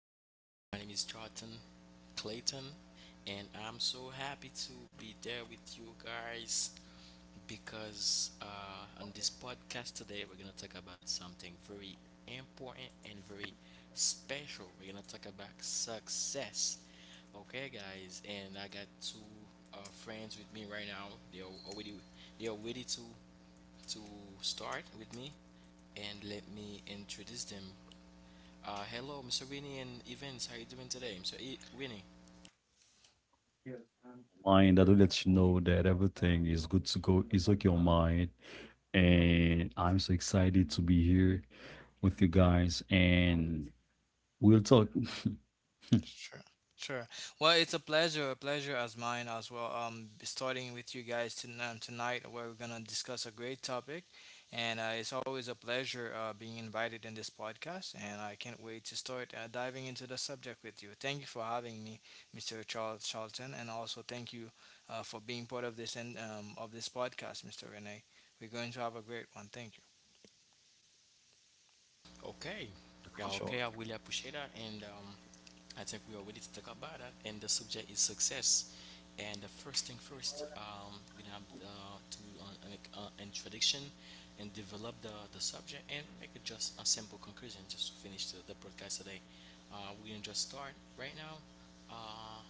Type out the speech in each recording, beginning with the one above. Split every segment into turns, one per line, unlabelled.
You already know my name is Charlton Clayton, and I'm so happy to be there with you guys because on this podcast today we're gonna talk about something very important and very special. We're gonna talk about success. Okay, guys, and I got two uh, friends with me right now. They are ready to start with me, and let me introduce them. Hello, Mr. Winnie and Evans. How you doing today, Mr. Winnie?
Mind that will let you know that everything is good to go. It's okay your mind. And I'm so excited to be here with you guys and we'll talk. For
Okay. Yeah,
sure.
okay. I really appreciate that, and I think we are ready to talk about that. And the subject is success. And the first thing first, we have introduction and develop the subject and make it just a simple conclusion just to finish the podcast today. We're gonna just start right now. Uh,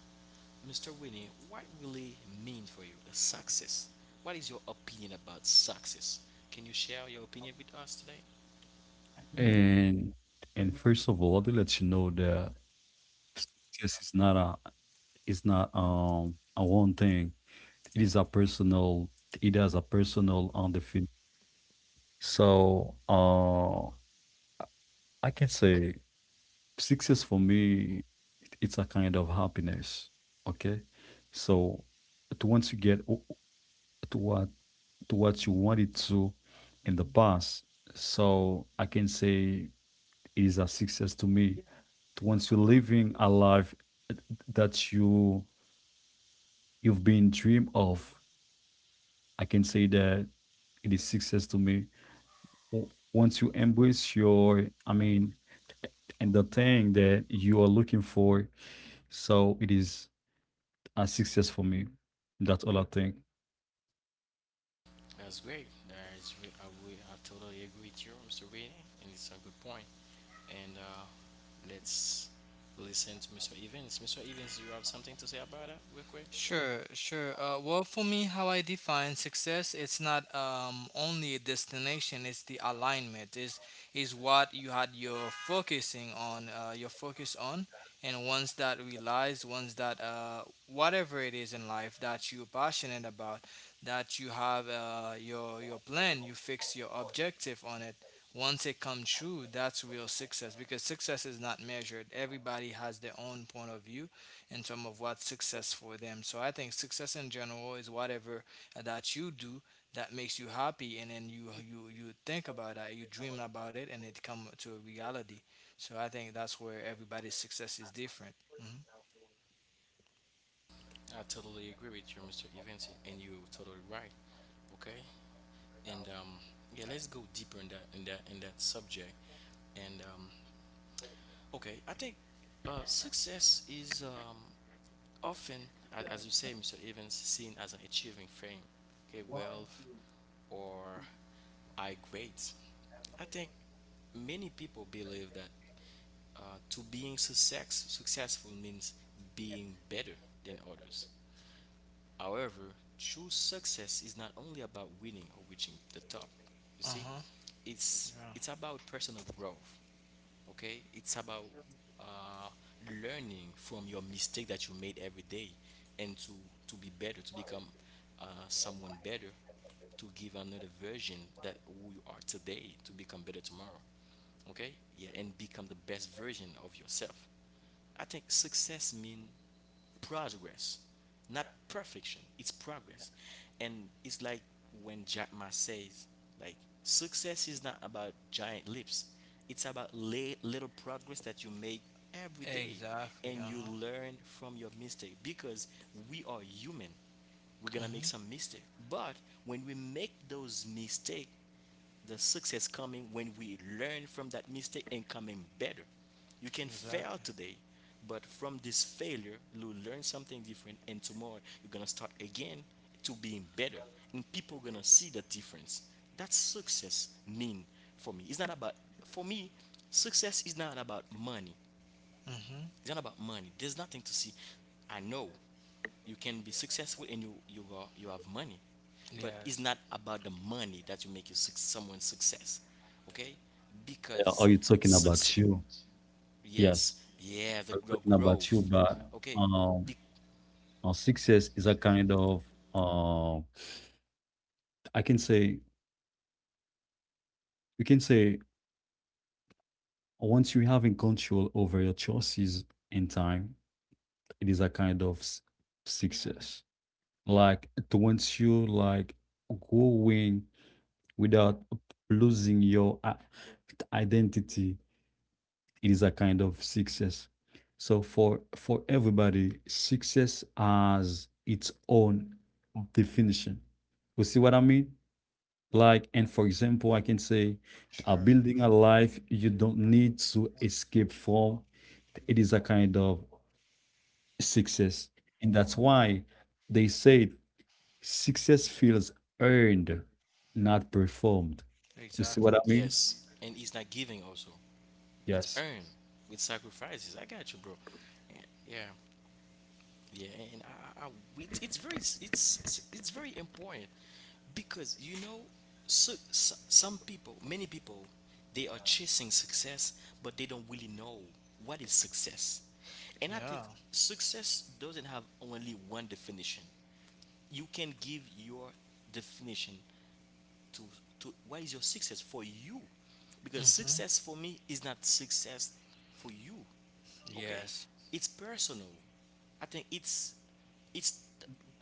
Mr. Winnie, what really mean for you the success? What is your opinion about success? Can you share your opinion with us today?
And and first of all, to let you know that this is not a it's not a one thing. It is a personal, it has a personal on the field. So I can say, success for me, it's a kind of happiness. Okay, so to once you get to what, to what you wanted to in the past, so I can say it is a success to me. Yeah. To Once you're living a life that you've been dream of, I can say that it is success to me. Once you embrace your, I mean, and the thing that you are looking for, so it is, and 6 years for me. That's all I think.
That's great. That is, I totally agree with you, Mr. Winnie, and it's a good point. And let's listen to Mr. Evans. Mr. Evans, do you have something to say about that, real quick? I totally agree with you, Mr. Evans, and you're totally right. Okay, and yeah, let's go deeper in that subject, and okay, I think success is often, as you say, Mr. Evans, seen as an achieving frame, okay, wealth or high grades. I think many people believe that uh, to successful means being better than others. However, true success is not only about winning or reaching the top. You see, it's about personal growth, okay, it's about uh, learning from your mistake that you made every day and to be better, to become someone better, to give another version that who you are today, to become better tomorrow, okay, yeah, and become the best version of yourself. I think success means progress, not perfection. It's progress, and it's like when Jack Ma says, like, success is not about giant leaps. It's about little progress that you make every day, and you learn from your mistake because we are human, we're gonna make some mistake, but when we make those mistake, the success coming when we learn from that mistake and coming better. You can fail today, but from this failure, you learn something different, and tomorrow you're gonna start again to being better, and people gonna see the difference. That's success mean for me. For me. Success is not about money. It's not about money. There's nothing to see. I know you can be successful and you have money, but it's not about the money that you make you suc someone's success, okay?
Yeah, are
Because
you talking about
success,
you? Yes.
yes, yeah,
I'm talking about you,
growth,
but
okay,
um,
be-
6 years is a kind of, uh, I can say, you can say, once you having control over your choices in time, it is a kind of success. Like to once you like going without losing your identity, it is a kind of success. So for everybody, success has its own definition. You see what I mean? Like, and for example, I can say, building a life you don't need to escape from. It is a kind of success, and that's why they say success feels earned, not performed. You see what I mean?
yes, and it's not giving also. It's
Yes,
earned with sacrifices. I got you, bro. Yeah. Yeah. Yeah, and I, I, I- it's very s- it's very important because you know some people, many people, they are chasing success, but they don't really know what is success. And I think success doesn't have only one definition. You can give your definition to what is your success for you, because success for me is not success for you, okay, it's personal. I think it's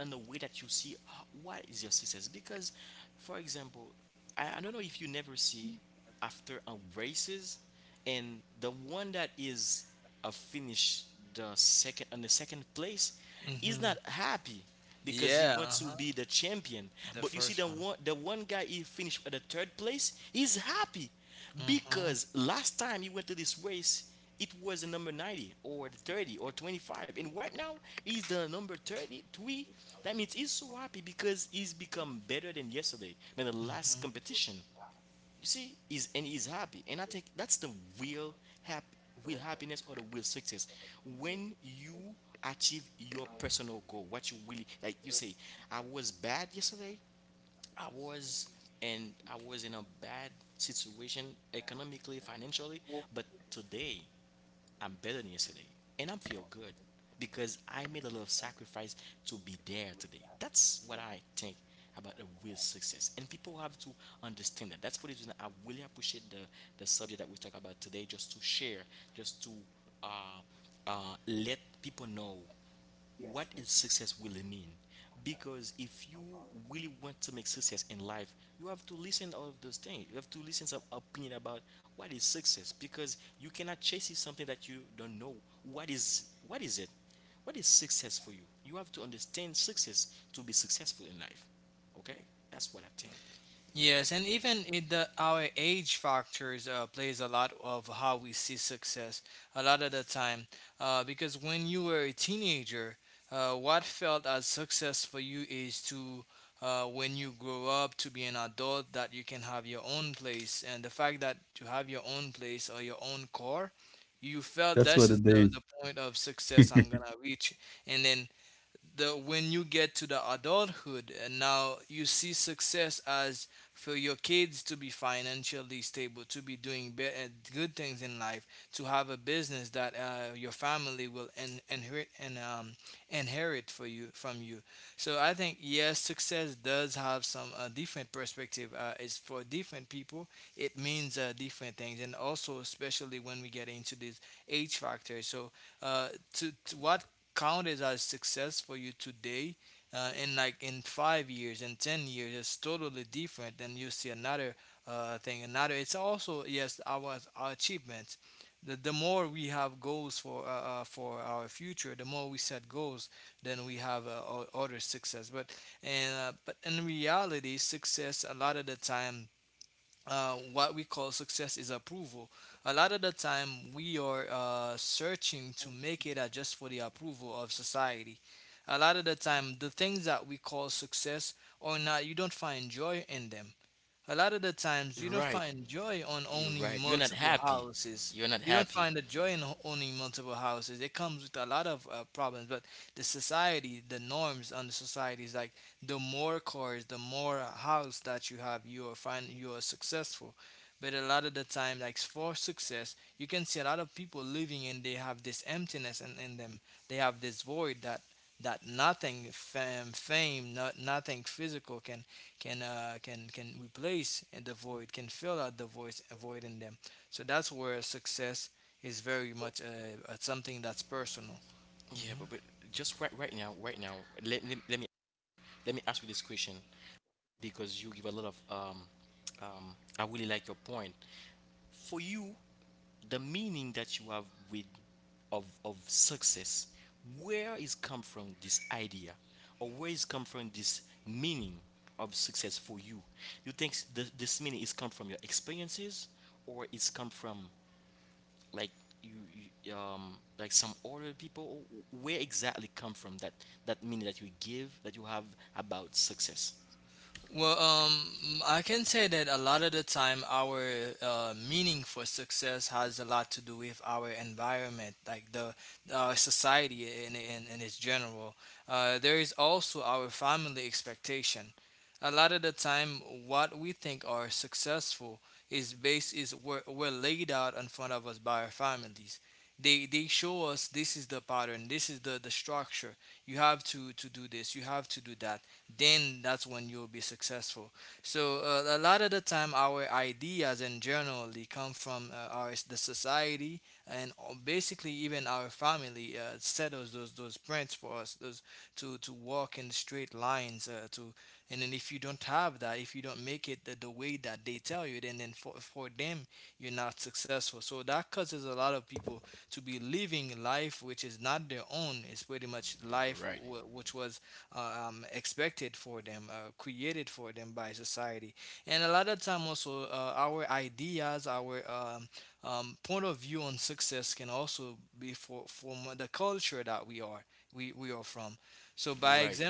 in the way that you see what is your success because, for example, I don't know if you never see after a races, and the one that is a finish the second, on the second place, is not happy because he wants to be the champion, but you see the one guy, he finished at the third place, he's happy because last time you went to this race, it was the number 90 or the 30 or 25. And right now, he's the number 33. That means he's so happy because he's become better than yesterday, than the last competition. You see, he's, and he's happy. And I think that's the real, hap- real happiness or the real success. When you achieve your personal goal, what you really, like you say, I was bad yesterday, I was I was in a bad situation economically, financially, but today I'm better than yesterday and I feel good because I made a lot of sacrifice to be there today. That's what I think about the real success, and people have to understand that. That's for the reason I really appreciate the subject that we talk about today, just to share, just to uh let people know what is success really mean. Because if you really want to make success in life, you have to listen all of those things, you have to listen some opinion about what is success, because you cannot chase something that you don't know what is it, what is success for you. You have to understand success to be successful in life, okay. That's what I think.
that's what it is.
You're right. You're right, you're not happy, you're not happy. Yeah, but just right now, let, let, let me let me ask you this question because you give a lot of I really like your point. For you, the meaning that you have with of success, where is come from this idea, or where is come from this meaning of success for you? You think this meaning is come from your experiences, or it's come from, like, you, you like some other people? Where exactly come from that that meaning that you give that you have about success? You're right.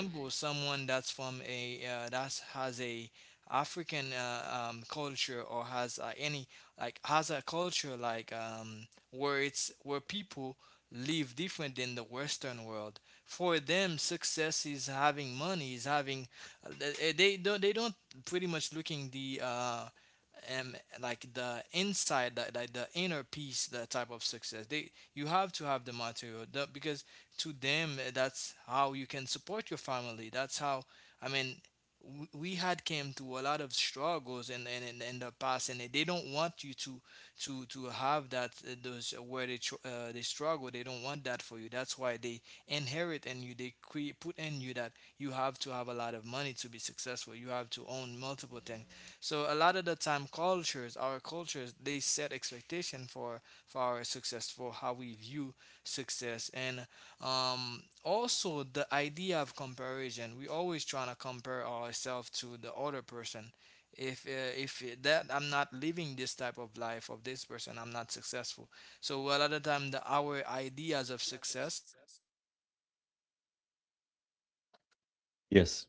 Yes,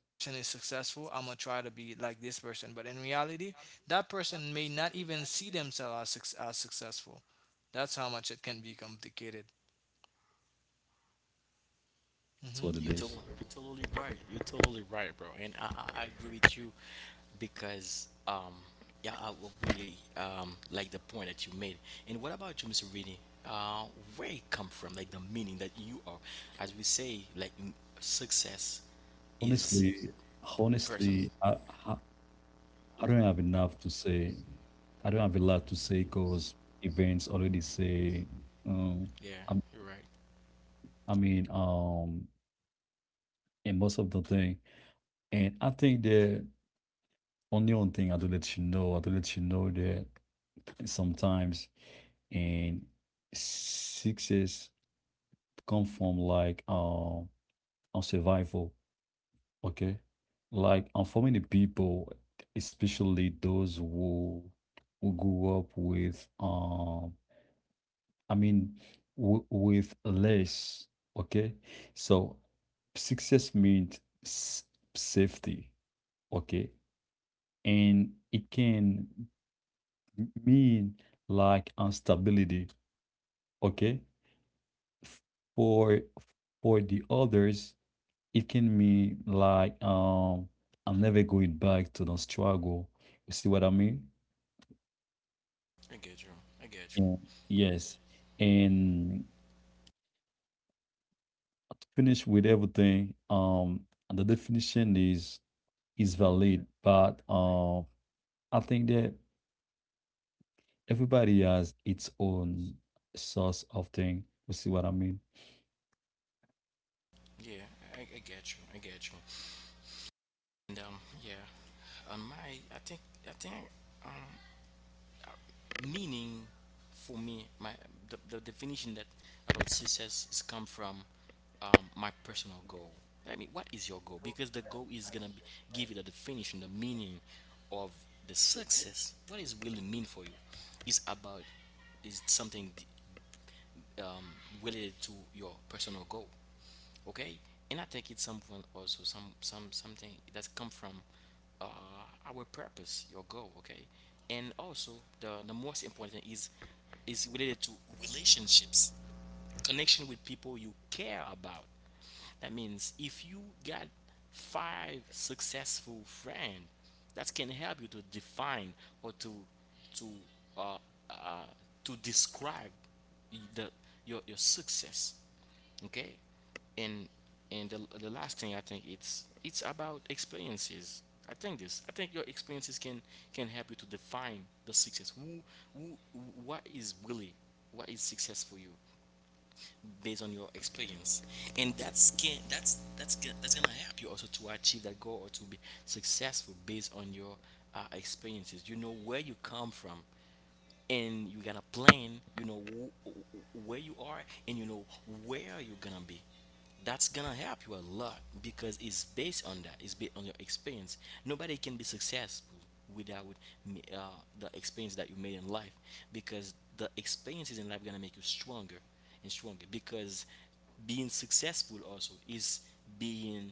that's what it is.
You're totally right. You're totally right, bro. And I agree with you because, yeah, I will really like the point that you made. And what about you, Mr. Rini? Uh, where it come from, like the meaning that you are, as we say, like success is
Honestly,
person.
honestly, I, I don't have enough to say. I don't have a lot to say because events already say, um,
Yeah,
I,
you're right.
I mean, and most of the thing. And I think the only one thing I do let you know, I do let you know that sometimes, and success come from like, on survival. Okay. Like informing the people, especially those who grew up with I mean w with less, okay? So success means s safety, okay? And it can mean like instability, okay? F- For for the others, it can mean like, I'm never going back to the struggle. You see what I mean?
I get you. I get
And yes. And to finish with everything, the definition is valid, but I think that everybody has its own source of thing. You see what I mean?
you. Yeah, I get you. I get you. And yeah, on my, I think, I think, um, meaning for me, my the definition that about success is come from my personal goal. I mean, what is your goal? Because the goal is gonna be, give you the definition, the meaning of the success, what is really mean for you, is about is something um, related to your personal goal, okay. And I think it's someone also some something that's come from uh, our purpose, your goal, okay. And also the most important is related to relationships, connection with people you care about. That means if you got five successful friends that can help you to define or to to uh, uh, to describe the your success, okay. and and the last thing, I think it's about experiences. I think this, I think your experiences can help you to define the success, who, what is really, what is success for you based on your experience, and that's can that's gonna help you also to achieve that goal or to be successful based on your experiences. You know where you come from and you gotta plan, you know, where you are, and you know where you're gonna be. That's gonna help you a lot because it's based on that, it's based on your experience. Nobody can be successful without me- uh, the experience that you made in life, because the experiences in life gonna make you stronger and stronger, because being successful also is being,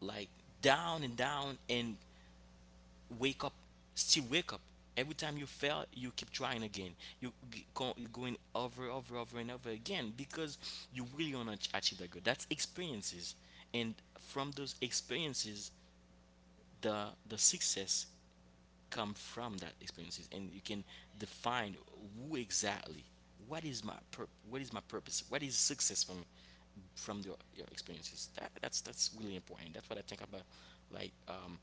like, down and down and wake up, still wake up, every time you fail you keep trying again, you go, you're going over and over again because you really want to achieve that goal. That's experiences, and from those experiences the success come from that experiences, and you can define who exactly, what is my purpose, what is success for me, from your experiences. That that's really important. That's what I think about, like,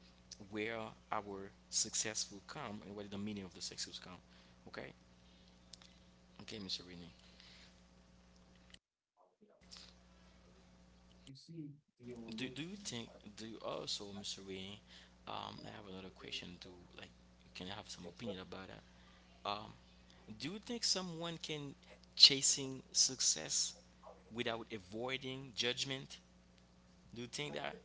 where our success will come, and what is the meaning of the success will come, okay. Okay, Mr. Renee, do you think, do you also, Mr. Renee, I have another question to, like, you can have some opinion about that. Um, do you think someone can chasing success without avoiding judgment? Do you think that,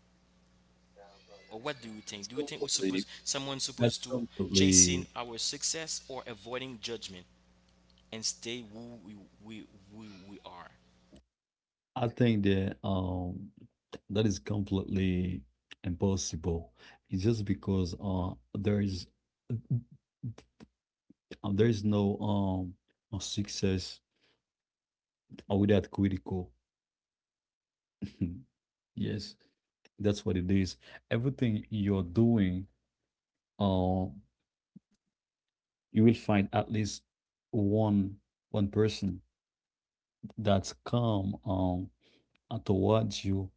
or what do you think?
That's
Do you think we suppose
completely
someone
that's
supposed to chasing
completely
our success or avoiding judgment and stay who we we we are?
I think that that is completely impossible. It's just because there is, there is no no success without critical. Yes, that's what it is. Everything you're doing, um, you will find at least one one person that's come, towards you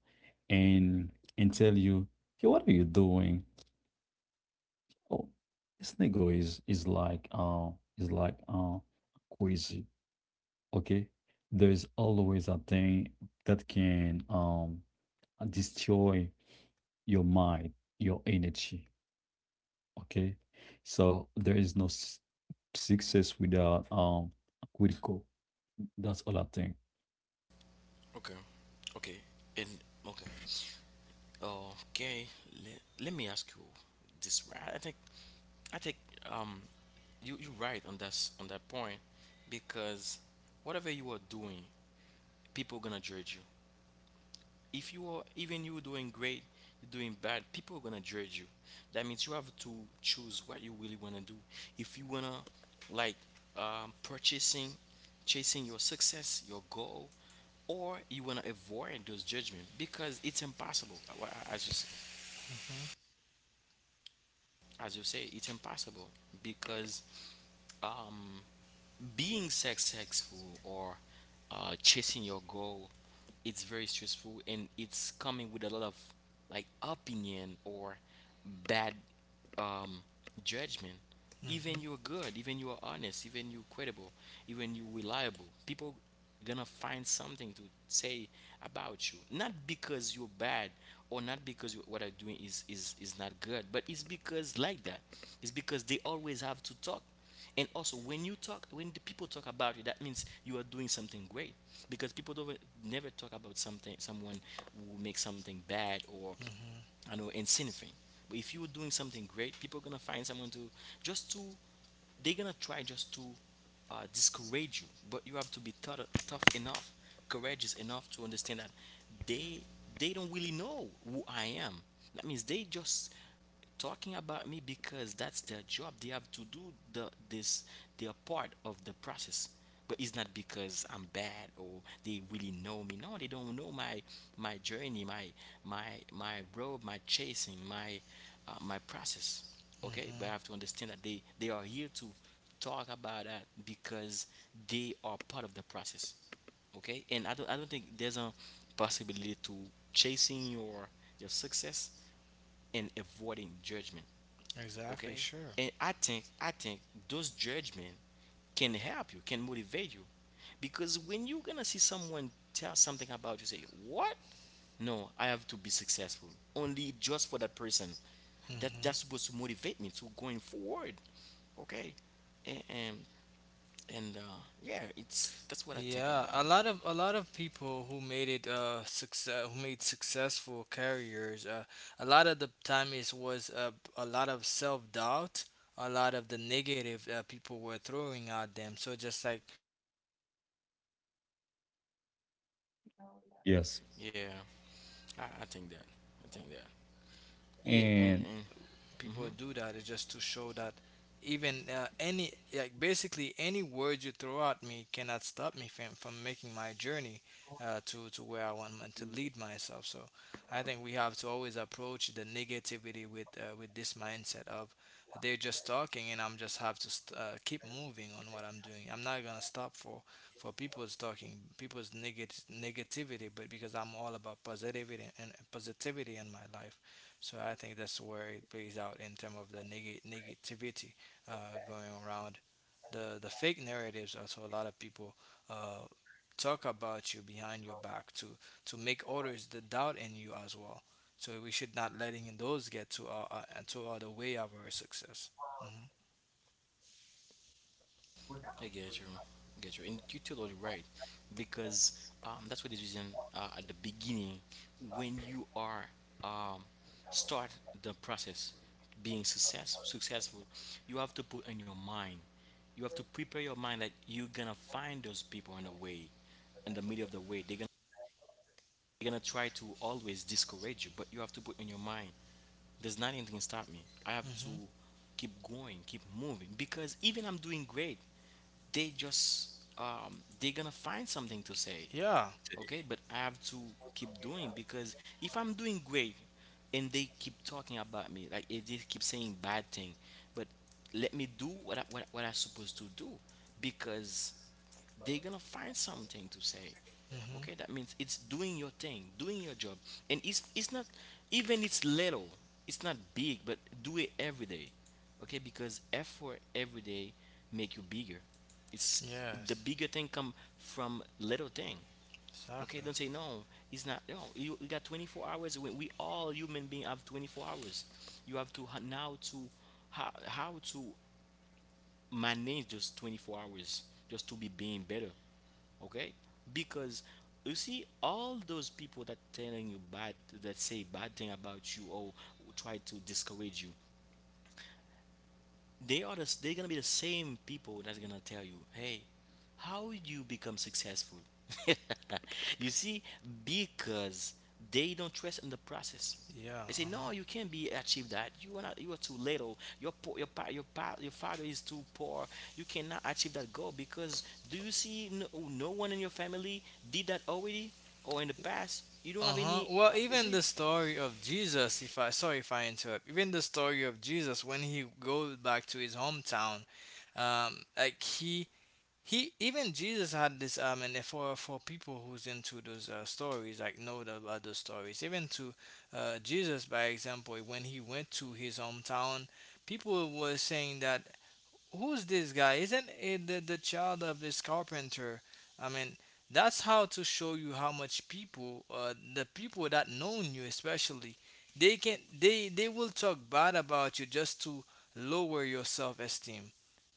and and tell you, hey, what are you doing? Oh, Snego is is like crazy. Okay, there is always a thing that can destroy your mind, your energy. Okay, so there is no success without critical. That's all I think.
Okay, okay, and okay, okay. Let me ask you this. Right, I think I think um, you you're right on that on that point because whatever you are doing, people gonna judge you. If you are even you doing great, you're doing bad, people are gonna judge you. That means you have to choose what you really wanna do. If you wanna like um, purchasing, chasing your success, your goal, or you wanna avoid those judgment because it's impossible. Well, As you say, it's impossible because um, being successful or chasing your goal, it's very stressful and it's coming with a lot of like opinion or bad um, judgment. Even
Mm-hmm.
you're good, even you're honest, even you're credible, even you're reliable. People gonna find something to say about you not because you're bad or not because what I'm doing is not good, but it's because like that. It's because they always have to talk. And also when you talk, when the people talk about you, that means you are doing something great, because people don't never talk about something someone who makes something bad or,
Mm-hmm.
I know, insignificant. But if you are doing something great, people are gonna find someone to just to, they're gonna try just to discourage you. But you have to be tough, tough enough, courageous enough to understand that they they don't really know who I am. That means they just talking about me because that's their job, they have to do the this their part of the process. But it's not because I'm bad or they really know me. No, they don't know my journey, my my road, my chasing, my my process. Okay, but I
Mm-hmm.
have to understand that they are here to talk about that because they are part of the process. Okay, and I don't think there's a possibility to chasing your success and avoiding judgment.
Exactly.
Okay,
Sure.
and I think those judgment can help you, can motivate you, because when you're gonna see someone tell something about you, say what? No, I have to be successful. Only just for that person. That
Mm-hmm.
that's supposed to motivate me to going forward. Okay. And and, and yeah, it's that's what I think
Yeah,
about.
a
it.
lot of a lot of people who made it success who made successful careers, a lot of the time it was a lot of self-doubt, a lot of the negative people were throwing at them. So just like I'm gonna succeed in making, to show you that I can I
Yes,
could
Yeah,
make it even you
I,
doubted
I
in
think
me.
that. I
So
think that.
yeah, a lot of the time,
Yeah,
uh
and
huh.
and
and. mhm.
People do that is just to show that even, any like basically any word you throw at me cannot stop me from making my journey, to where I want to lead myself. So I think we have to always approach the negativity with this mindset of they're just talking, and I'm just have to keep moving on what I'm doing. I'm not gonna stop for people's talking, people's negativity, but because I'm all about positivity and positivity in my life. So I think that's where it plays out in terms of the negativity, going around. The fake narratives, also a lot of people uh, talk about you behind your back to make others the doubt in you as well. So we should not letting those get to our the way of our success. Hmm.
I get you. I get you. And you're totally right. Because that's what the reason at the beginning, when you are um, start the process being successful, you have to put in your mind, you have to prepare your mind that you're going to find those people on the way, in the middle of the way. They're going to, they're gonna try to always discourage you, but you have to put in your mind, there's nothing can stop me. I have to
Hmm.
keep going, keep moving. Because even I'm doing great, they just they're gonna find something to say.
Yeah.
Okay, but I have to keep doing, because if I'm doing great and they keep talking about me, like if they keep saying bad thing, but let me do what I'm supposed to do, because they're gonna find something to say.
Hmm.
Okay, that means it's doing your thing, doing your job. And it's not, even it's little, it's not big, but do it every day. Okay, because effort every day make you bigger. It's the
Yes.
bigger thing come from little thing. Okay,
Exactly.
don't say no. It's not no. You got 24 hours. We all human being have 24 hours. You have to how to manage just 24 hours just to be being better. Okay, because you see all those people that telling you bad, that say bad thing about you or try to discourage you, they are they're gonna be the same people that's gonna tell you, hey, how you become successful? You see, because they don't trust in the process.
Yeah.
They say,
Uh-huh.
no, you can't be achieve that. You are not, you are too little. Your father is too poor. You cannot achieve that goal because, do you see, no, no one in your family did that already or in the past? You don't have
Uh-huh.
any.
Well,
You
even
see?
the story of Jesus, if I sorry, if I interrupt, even the story of Jesus when he goes back to his hometown, like he even Jesus had this, and for people who's into those, stories, like, know about those stories, even to, Jesus by example when he went to his hometown, people were saying that, who's this guy? Isn't it the child of this carpenter? I mean, that's how to show you how much the people that know you especially, they can they will talk bad about you just to lower your self esteem,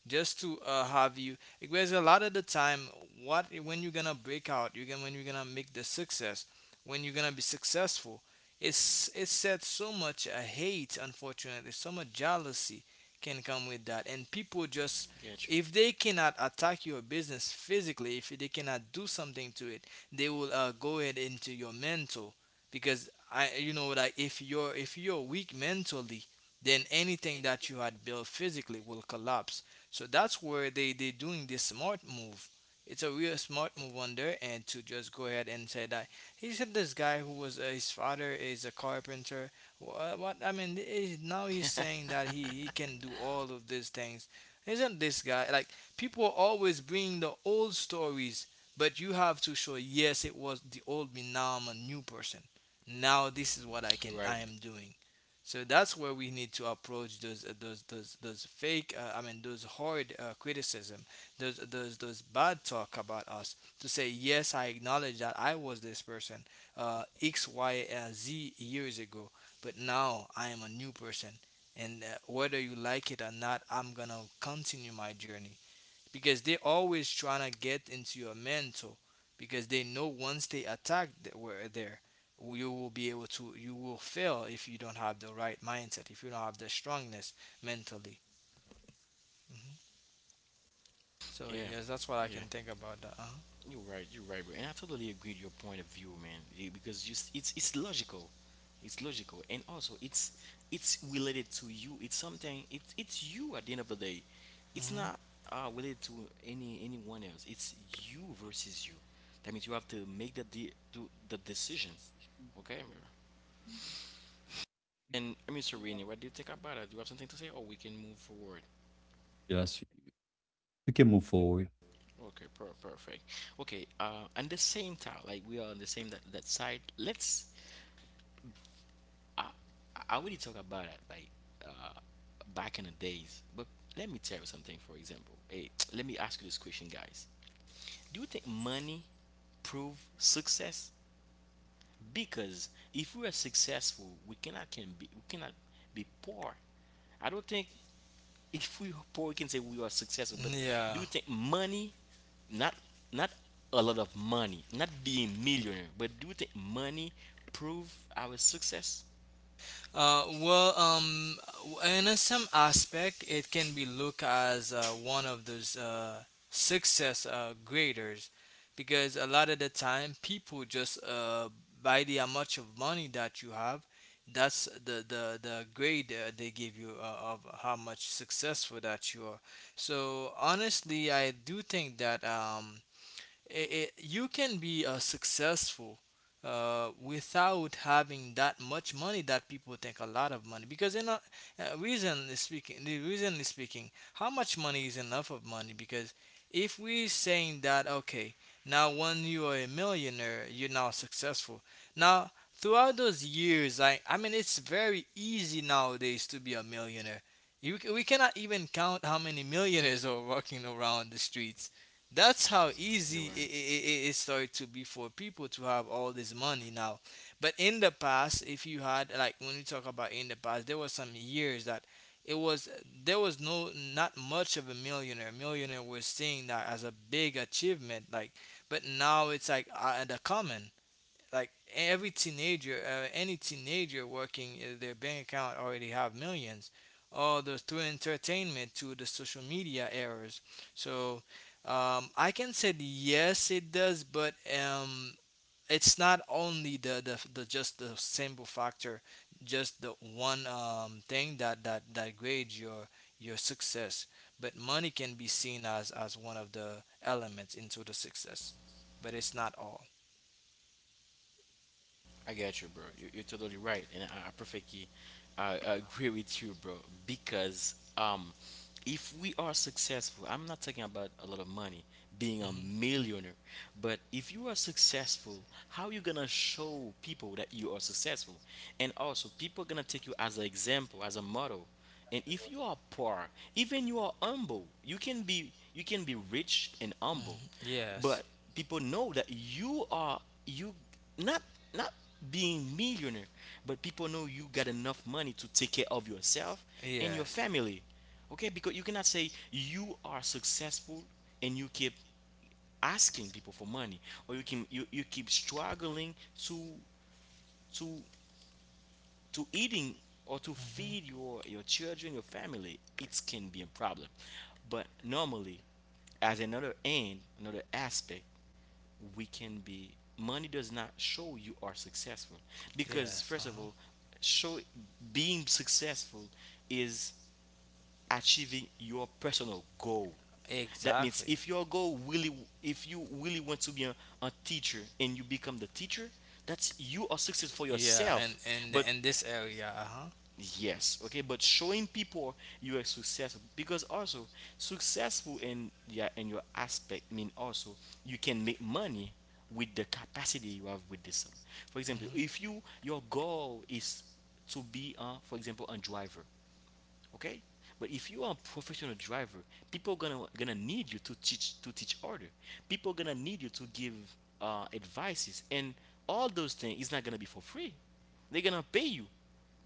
just to have you. Because a lot of the time, what when you're gonna break out, you can when you're gonna make the success, when you're gonna be successful, it said so much, hate, unfortunately, so much jealousy can come with that. And people just,
Get you.
if they cannot attack your business physically, if they cannot do something to it, they will, go ahead into your mental. Because like if you're weak mentally, then anything that you had built physically will collapse. So that's where they doing this smart move. It's a real smart move on there, and to just go ahead and say that, he said this guy who was, his father is a carpenter. What I mean is now he's saying that he can do all of these things. Isn't this guy like, people always bring the old stories, but you have to show, yes, it was the old me. Now I'm a new person. Now this is what I
You're
can
right.
I am doing. So that's where we need to approach those fake, I mean those hard, criticism, those bad talk about us to say, yes, I acknowledge that I was this person, X Y, Z years ago, but now I am a new person, and, whether you like it or not, I'm gonna continue my journey because they're always trying to get into your mental, because they know once they attack that we're there, you will be able to, you will fail if you don't have the right mindset, if you don't have the strongness mentally. So
Yeah.
yes, that's what I
Yeah.
can think about that. Uh-huh.
You're right. You're right, bro. And I totally agree with your point of view, man. Because just it's logical, it's logical, and also it's related to you. It's something. It's you at the end of the day. It's
Hmm.
not related to anyone else. It's you versus you. That means you have to make do the decision. Okay, bro. And I mean, Serena, what do you think about it? Do you have something to say, or we can move forward?
yes, you can move forward.
Okay, perfect. Okay, on the same time, like we are on the same that side. Let's, I I already talk about it like uh, back in the days. But let me tell you something. For example, hey, let me ask you this question, guys. Do you think money prove success? Because if we are successful, we cannot be poor. I don't think if we are poor, we can say we are successful. But do
Yeah.
you think money, not not a lot of money, not being millionaire, but do you think money prove our success?
Well, in a some aspect, it can be looked as, one of those, success, graders because a lot of the time people just, by the amount of money that you have, that's the grade, they give you, of how much successful that you are. So honestly, I do think that. You can be, successful, without having that much money that people think a lot of money, because reason is speaking the reason is speaking how much money is enough of money. Because if we saying that, okay, now when you are a millionaire you're now successful, now throughout those years, I mean it's very easy nowadays to be a millionaire. We cannot even count how many millionaires are walking around the streets. That's how
You're
easy it,
right.
it, it started to be for people to have all this money now. But in the past, if you had, like when you talk about in the past, there was some years that it was there was, not much of a millionaire. Millionaire was seeing that as a big achievement, like. But now it's like, the common, like any teenager working, their bank account already have millions. All the through entertainment to the social media errors. So, I can say yes, it does, but, it's not only the just the simple factor, just the one, thing that grades your success. But money can be seen as one of the elements into the success, but it's not all.
I get you, bro. You, you're totally right, and I perfectly, I agree with you, bro. Because if we are successful, I'm not talking about a lot of money, being a
Mm-hmm.
millionaire, but if you are successful, how you gonna show people that you are successful, and also people gonna take you as an example, as a model. And if you are poor, even you are humble, you can be, you can be rich and humble,
Mhm. Yes.
but people know that you are, you, not not being millionaire, but people know you got enough money to take care of yourself and your
Yes.
family. Okay, because you cannot say you are successful and you keep asking people for money, or you keep struggling to to eating, or to
Mhm.
feed your children, your family, it can be a problem. But normally, as another end, another aspect, we can be, money does not show you are successful, because
Yes.
first of
Uh-huh.
all, show being successful is achieving your personal goal. That means
Exactly.
if your goal really, if you really want to be a teacher, and you become the teacher, that's you are success for
Yeah. And
yourself.
and
But,
in this area. Uh huh.
yes, okay, but showing people you are successful, because also successful in, yeah, in your aspect mean also you can make money with the capacity you have with this. For example,
Mhm.
if you, your goal is to be, uh, for example, a driver, okay, but if you are a professional driver, people gonna, gonna need you to teach, to teach order. People gonna need you to give advices, and all those things is not gonna be for free. They're gonna pay you,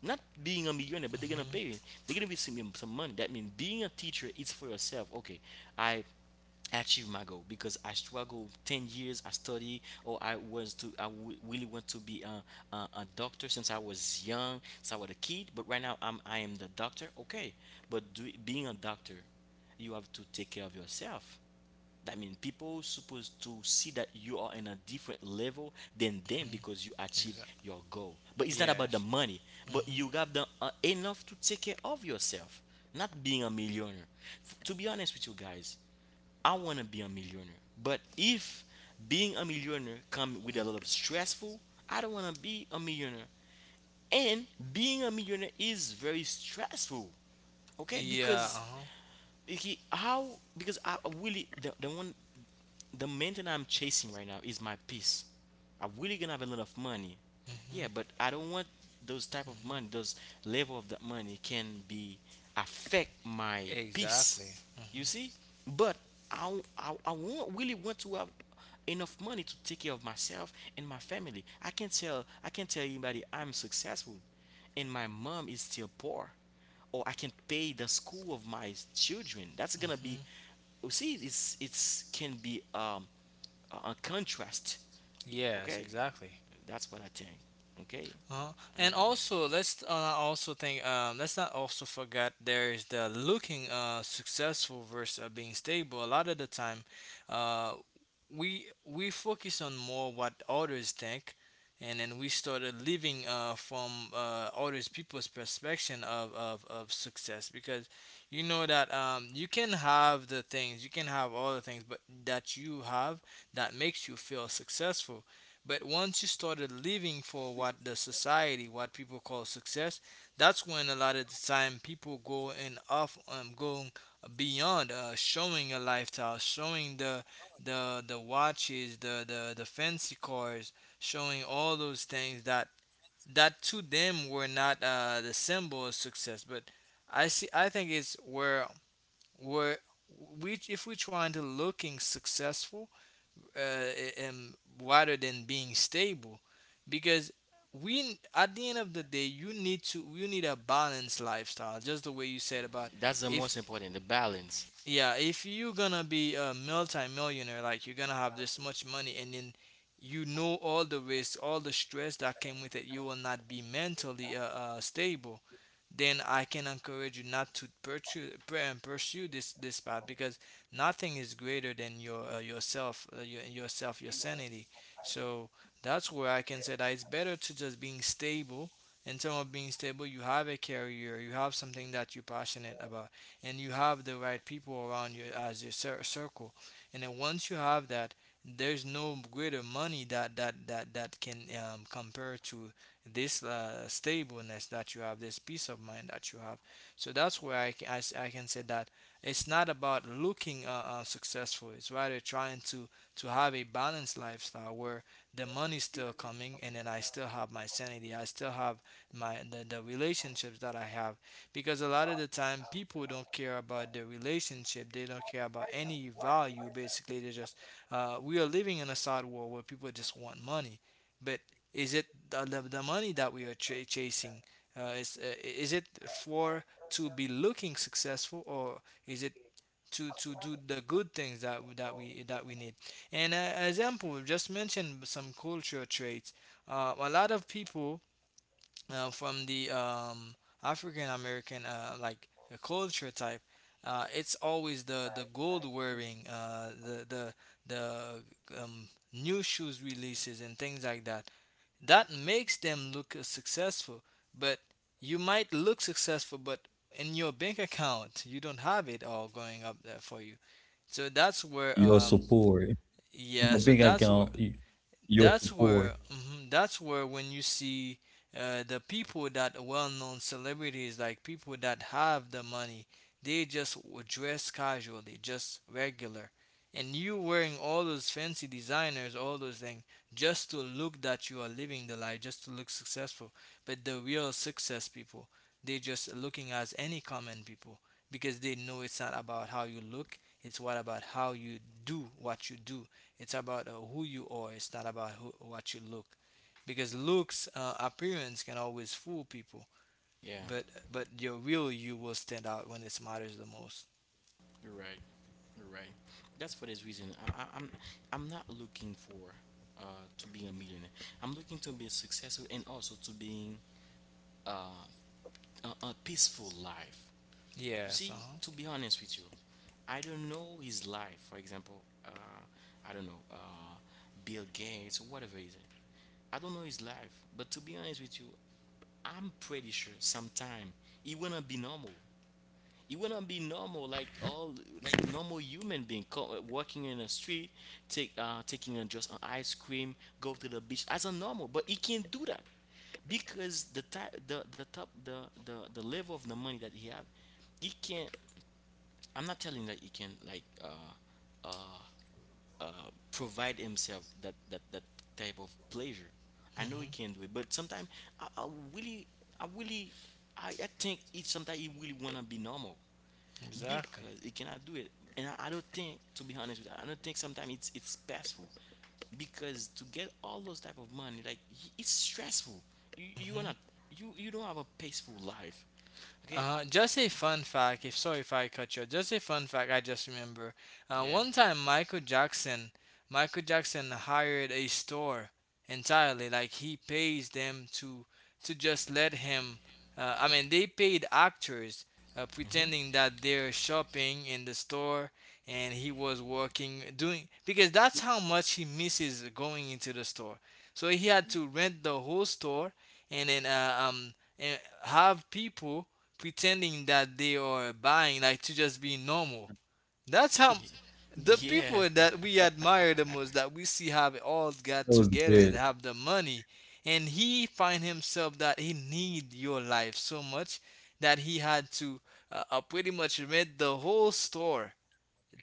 not being a millionaire, but they're gonna
Mhm.
pay you. They're gonna be some money. That means being a teacher is for yourself. Okay, I achieve my goal, because I struggle 10 years. I study, or I was to, really want to be a doctor since I was young, since I was a kid, but right now I'm, I am the doctor. Okay, but do, being a doctor, you have to take care of yourself. That means people supposed to see that you are in a different level than them,
Mhm.
because you achieve
Exactly.
your goal. But it's not about the
Yes.
money, but
Mhm.
you have the, enough to take care of yourself, not being a millionaire. To be honest with you guys, I want to be a millionaire. But if being a millionaire come with a
Mm.
lot of stressful, I don't want to be a millionaire. And being a millionaire is very stressful. Okay?
Yeah. Uh
Because
huh.
he, how, because I really, the one, the main thing I'm chasing right now is my peace. I'm really gonna have a lot of money. Yeah,
Mhm.
but I don't want those type of
Mhm.
money, those level of that money can be affect my peace.
Exactly.
You
Mhm.
see? But I won't really want to have enough money to take care of myself and my family. I can't tell anybody I'm successful and my mom is still poor, or I can pay the school of my children. That's gonna be,
Mhm.
you see, it's can be a contrast.
Yes.
Okay,
Exactly.
that's what I think. Okay,
Uh,
I don't
and
know.
also, let's, also think. Let's not also forget there is the looking, successful versus, being stable. A lot of the time, uh, we focus on more what others think, and then we started living, from, others people's perspective of success, because you know that, you can have all the things but that you have that makes you feel successful. But once you started living for what the society, what people call success, that's when a lot of the time people go and off, going beyond, showing a lifestyle, showing the watches, the fancy cars, showing all those things that to them were not, the symbol of success. But I see, I think it's where we if we're trying to looking successful, uh, um, rather than being stable, because we at the end of the day, you need a balanced lifestyle, just the way you said about.
That's the most
if
important, the balance.
yeah if you're gonna be a multi-millionaire, like you're gonna have this much money and then you know all the risks, all the stress that came with it, you will not be mentally, stable. Then I can encourage you not to pursue this path, because nothing is greater than yourself, yourself, your sanity. So that's where I can say that it's better to just being stable. In terms of being stable, you have a career, you have something that you're passionate about, and you have the right people around you as your circle. And then once you have that, there's no greater money that can, compare to this, stableness that you have, this peace of mind that you have. So that's where I can say that it's not about looking, successful. It's rather trying to have a balanced lifestyle where the money's still coming and then I still have my sanity. I still have the relationships that I have, because a lot of the time people don't care about the relationship. They don't care about any value. Basically, they just we are living in a sad world where people just want money. But is it the money that we are chasing? Is it for to be looking successful, or is it to do the good things that we need? And, an example, we've just mentioned some cultural traits. A lot of people from the African American culture type, it's always the gold wearing, the new shoes releases and things like that that makes them look successful, but you might look successful, but in your bank account you don't have it all going up there for you. So that's where
Your
um
support on
yeah
your
so
bank
That's where
account. Your support.
that's where when you see the people that are well-known celebrities, like people that have the money, they just dress casually, just regular, and you wearing all those fancy designers, all those things, just to look that you are living the life, just to look successful. But the real success people, they just looking as any common people, because they know it's not about how you look, it's what about how you do what you do. It's about who you are. It's not about who, what you look, because looks, appearance can always fool people,
Yeah,
but your real you will stand out when it matters the most.
you're right. You're right. That's for this reason. I, I, I'm I'm not looking for to being a millionaire. I'm looking to be successful and also to being uh, a peaceful life.
Yes. Uh
See,
huh.
to be honest with you, I don't know his life, for example, I don't know Bill Gates or whatever is it. I don't know his life, but to be honest with you, I'm pretty sure sometime he wanna be normal. Like all, like normal human being, walking in the street, take taking a, just an ice cream, go to the beach as a normal, but he can't do that because the type the top the level of the money that he have, he can't. I'm not telling that he can, like uh, provide himself that, type of pleasure. I know
Mm-hmm.
he can do it, but sometimes I, I really, I really, I think it sometimes he really wanna be normal
Exactly.
because he cannot do it. And I don't think, to be honest with you, I don't think sometimes it's passful because to get all those type of money, like, it's stressful. You are
Mm-hmm.
not, you don't have a peaceful life, okay?
Just a fun fact. If sorry if I cut you. Just a fun fact. I just remember. Uh,
Yeah.
one time Michael Jackson, Michael Jackson hired a store entirely. Like he pays them to just let him. I mean, they paid actors
Hmm.
pretending that they're shopping in the store, and he was working doing because that's how much he misses going into the store. So he had to rent the whole store, and then and have people pretending that they are buying, like to just be normal. That's how the
Yeah.
people that we admire the most, that we see have it all got
That was
together, they
great.
have the money, and he find himself that he need your life so much that he had to pretty much rent the whole store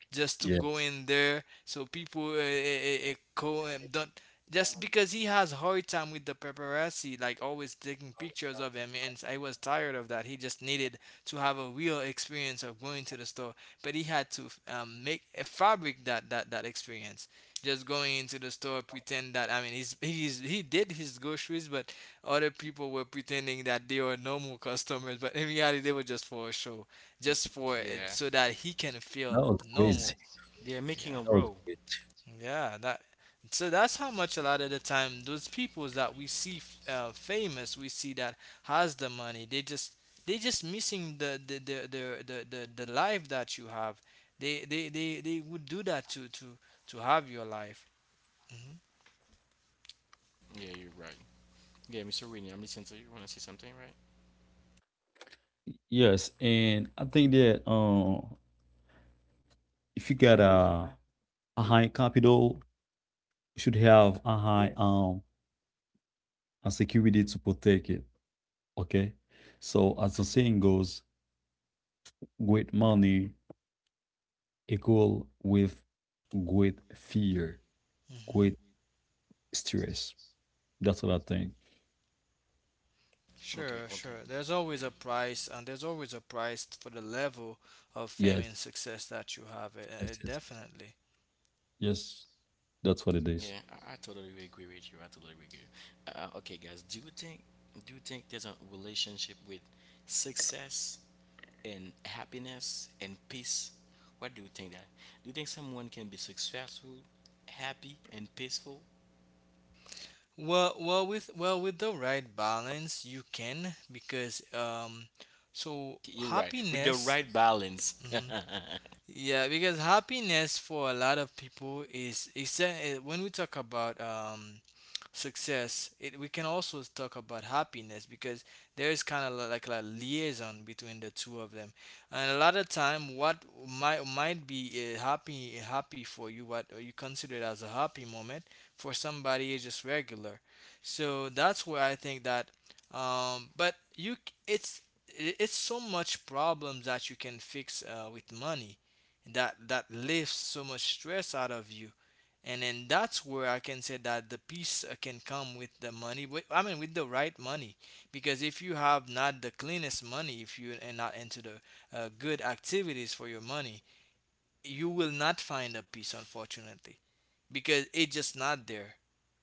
just to
Yeah,
go in there. So people go and don't. Just because he has hard time with the paparazzi, like always taking pictures of him, and I was tired of that. He just needed to have a real experience of going to the store, but he had to make fabric that experience. Just going into the store, pretend that I mean he's he did his groceries, but other people were pretending that they were normal customers, but in reality they were just for a show, just
Yeah.
for, so that he can
that
feel
was crazy.
normal.
They're making a
Yeah,
row.
That was great.
yeah. That, so that's how much a lot of the time those people that we see famous, we see that has the money. They just missing the life that you have. They would do that to to have your life. Hmm.
Yeah, you're right. Yeah, Mr. Whitney, I'm listening to you. You want to say something, right?
Yes, and I think that, if you got a high capital, you should have a high a security to protect it. Okay, so as the saying goes, great money equal with great fear, great
Hmm.
stress. That's what I think.
Okay,
Sure,
okay.
sure. There's always
Yeah,
a price, and there's always a price for the level of fame and
Yes,
success that you have.
yes, yes, yes.
Definitely.
Yes, that's what it is.
yeah. I totally agree with you. I totally agree. Okay, guys. Do you think there's a relationship with success and happiness and peace? What do you think that? Do you think someone can be successful, happy, and peaceful?
Well, with the right balance, you can, because so
You're right. With the
happiness.
right balance.
Mm-hmm, yeah, because happiness for a lot of people is when we talk about success, it, we can also talk about happiness because there is kind of like a liaison between the two of them. And a lot of time, what might be happy for you, what you consider as a happy moment, for somebody is just regular. So that's where I think that. But you, it's so much problems that you can fix with money, that that lifts so much stress out of you, and then that's where I can say that the peace can come with the money with, I mean with the right money, because if you have not the cleanest money, if you are not into the good activities for your money, you will not find the peace, unfortunately, because it's just not there.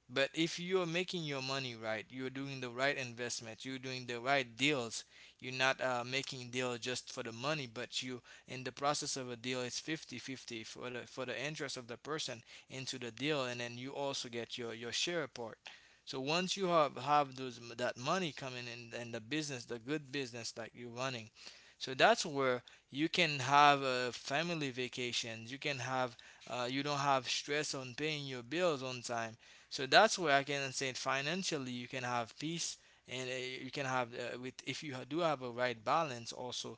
But if you're making your money right, you're doing the right investment, you're doing the right deals, you're not making deal just for the money, but you, in the process of a deal, it's 50 50 for the interest of the person into the deal, and then you also get your share part. So once you have those that money coming in and the business, the good business like you're running, so that's where you can have family vacations. You can have you don't have stress on paying your bills on time. So that's where I can say financially you can have peace, and you can have with, if you do have a right balance also,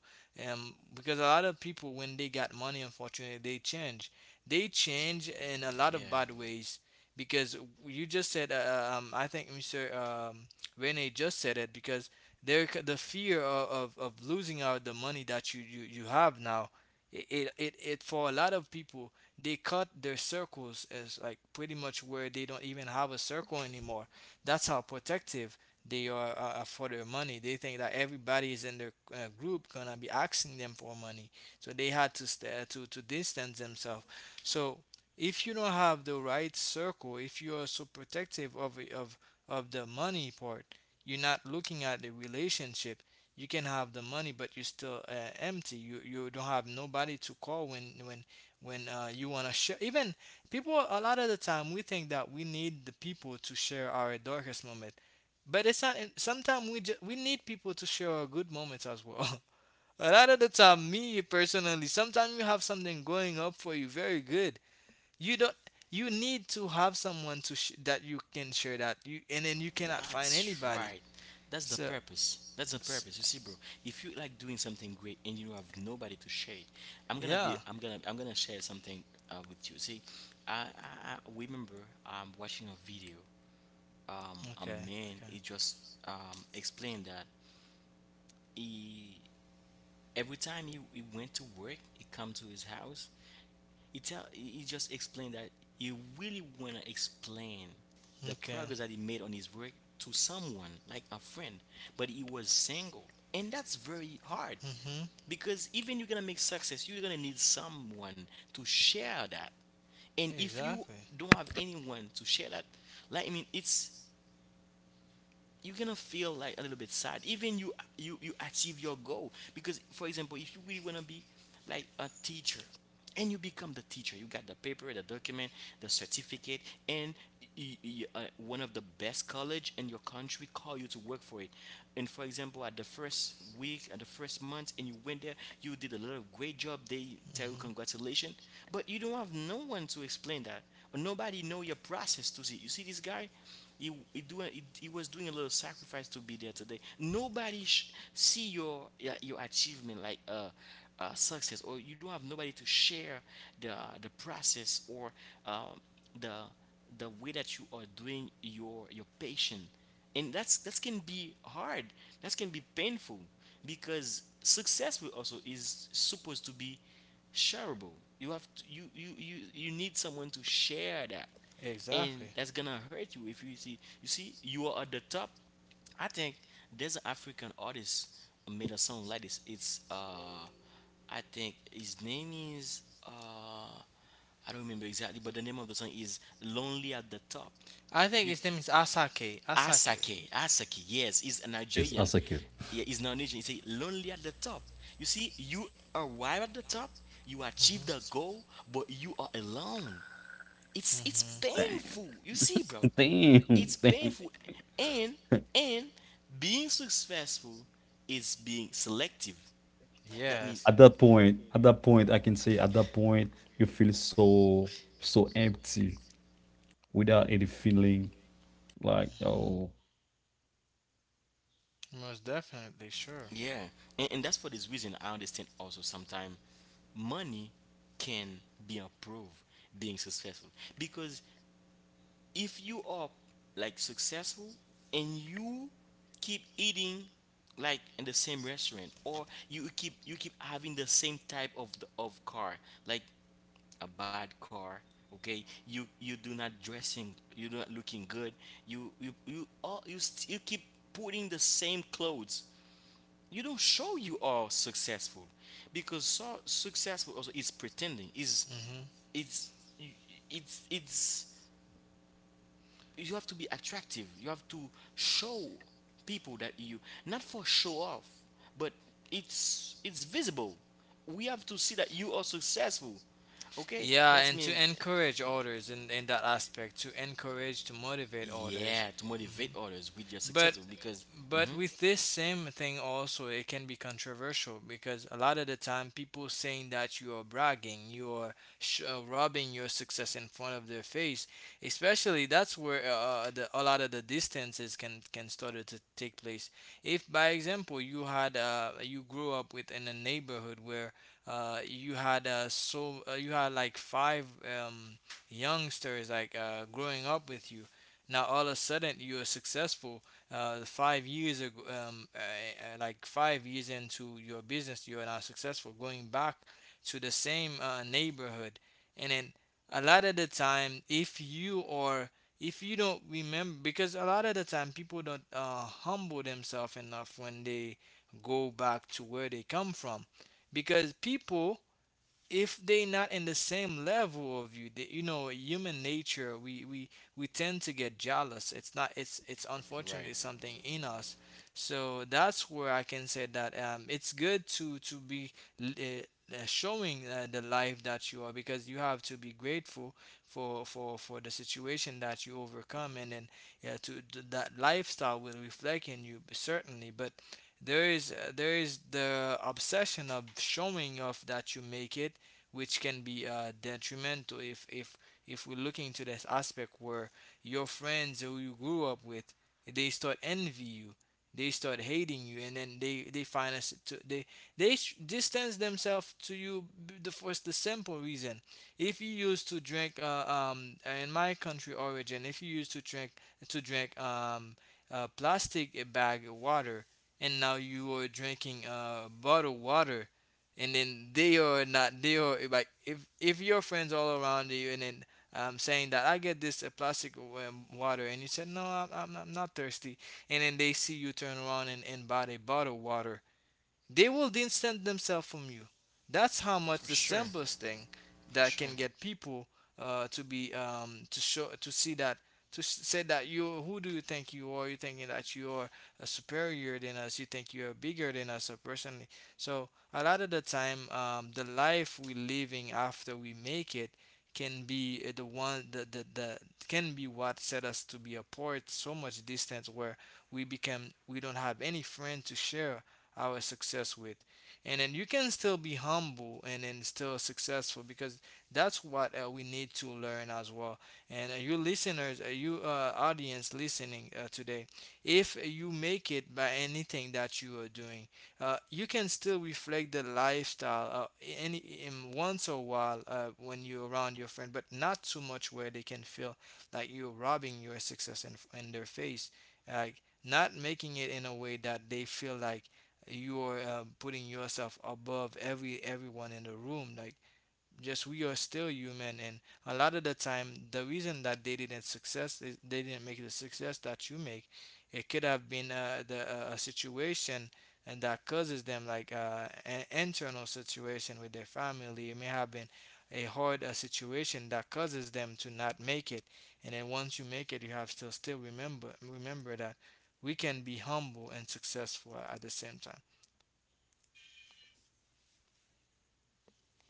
because a lot of people when they got money, unfortunately they change. They change in a lot of
Yeah.
bad ways, because you just said I think Mr. Rene just said it, because there c- the fear of losing out the money that you have now, it, for a lot of people, they cut their circles as like pretty much where they don't even have a circle anymore. That's how protective they are for their money. They think that everybody is in their group gonna be asking them for money, so they had to to distance themselves. So if you don't have the right circle, if you are so protective of of the money part, you're not looking at the relationship. You can have the money, but you're still empty. You don't have nobody to call when you want to share. Even people, a lot of the time, we think that we need the people to share our darkest moment, but it's not, sometimes we just we need people to share our good moments as well. A lot of the time me personally, sometimes you have something going up for you very good, you don't, you need to have someone to that you can share that you, and then you cannot find
That's
anybody.
right. That's the
So
purpose. That's the
s-
purpose. You see, bro, if you like doing something great and you have nobody to share, I'm gonna be,
yeah,
I'm gonna share something with you. See, I, I remember watching a video. A
okay.
man,
Okay.
he just explained that he, every time he went to work, he come to his house. He just explained that he really want to explain the
Okay.
progress that he made on his work to someone like a friend, but he was single, and that's very hard
Mhm.
because even you're gonna make success, you're gonna need someone to share that. And if you
Exactly.
don't have anyone to share that, like I mean, it's, you're gonna feel like a little bit sad. Even you achieve your goal, because for example, if you really want to be like a teacher and you become the teacher, you got the paper, the document, the certificate, and one of the best college in your country call you to work for it. And for example, at the first week, at the first month, and you went there, you did a lot of great job. They tell you
Mhm.
congratulations, but you don't have no one to explain that. But nobody know your process. To see You see this guy, he was doing a little sacrifice to be there today. Nobody see your, yeah, your achievement like success. Or you don't have nobody to share the process, or um the way that you are doing your patient. And that can be hard. That can be painful because success will also is supposed to be shareable. You have to, you need someone to share that, and
Exactly.
that's gonna hurt you if you see. You are at the top. I think there's an African artist made a song like this. It's, I think his name is, uh, I don't remember exactly, but the name of the song is "Lonely at the Top."
I think
You.
his name is Asake. Asake.
Asake, Asake, yes, is a
Yes,
Nigerian.
as a kid.
Yeah, he's not Nigerian. He's lonely at the top. You see, you arrive at the top, you achieve
Mhm.
the goal, but you are alone. It's
Mhm.
Damn,
painful. You see, bro,
damn,
it's
damn.
painful. And and being successful is being selective. That means,
Yes.
At that point, I can say, at that point, you feel so so empty without any feeling, like,
Mhm.
oh.
Most definitely. Sure.
yeah, and that's for this reason I understand also sometimes money can be a proof being successful, because if you are like successful and you keep eating like in the same restaurant, or you keep having the same type of the, of car, like a bad car, okay. You do not dressing, you do not looking good. You all you, st- You keep putting the same clothes, you don't show you are successful. Because so successful also is pretending, is,
Mhm.
it's it's, you have to be attractive. You have to show people that you, not for show off, but it's visible. We have to see that you are successful. Okay,
Yeah,
that's
and
mean,
to encourage others in that aspect, to encourage, to motivate others.
yeah, to motivate others with your
But
successful because. Hmm.
with this same thing also it can be controversial because a lot of the time people saying that you are bragging, you are rubbing your success in front of their face. Especially that's where the, a lot of the distances can start to take place. If by example you had you grew up with in a neighborhood where you had you had like five youngsters like growing up with you. Now all of a sudden you are successful 5 years ago, like 5 years into your business, you are now successful. Going back to the same neighborhood, and then a lot of the time, if you are, if you don't remember, because a lot of the time people don't humble themselves enough when they go back to where they come from, because people, if they not in the same level of you, that you know human nature, we tend to get jealous. It's not, it's it's unfortunately
Right.
something in us. So that's where I can say that, um, it's good to be uh, showing the life that you are, because you have to be grateful for the situation that you overcome, and then yeah to that lifestyle will reflect in you certainly. But there is the obsession of showing off that you make it, which can be detrimental if we're looking to this aspect where your friends who you grew up with, they start envy you, they start hating you, and then they find us to, they distance themselves to you. The first, the simple reason, if you used to drink in my country origin, if you used to drink to drink um a plastic bag of water, and now you are drinking bottled water, and then they are not, they are like, if your friends all around you and then saying that I get this plastic water, and you said no, I'm not thirsty, and then they see you turn around and buy a bottled water, they will distance themselves from you. That's how much
For
the
sure.
simplest thing
For
that
sure.
can get people to be to show to see that, to say that you who do you think you are? You thinking that you are superior than us? You think you are bigger than us? Personally, so a lot of the time, the life we're living after we make it can be the one that the can be what set us to be apart so much distance where we don't have any friend to share our success with. And then you can still be humble and then still successful, because that's what we need to learn as well. And you listeners, you audience listening today, if you make it by anything that you are doing, you can still reflect the lifestyle any in once a while when you're around your friend, but not too much where they can feel like you're robbing your success in their face, like not making it in a way that they feel like you are putting yourself above everyone in the room. Like, just, we are still human, and a lot of the time the reason that they didn't success is they didn't make the success that you make. It could have been the a situation, and that causes them, like, an internal situation with their family. It may have been a hard situation that causes them to not make it. And then once you make it, you have still remember that we can be humble and successful at the same time.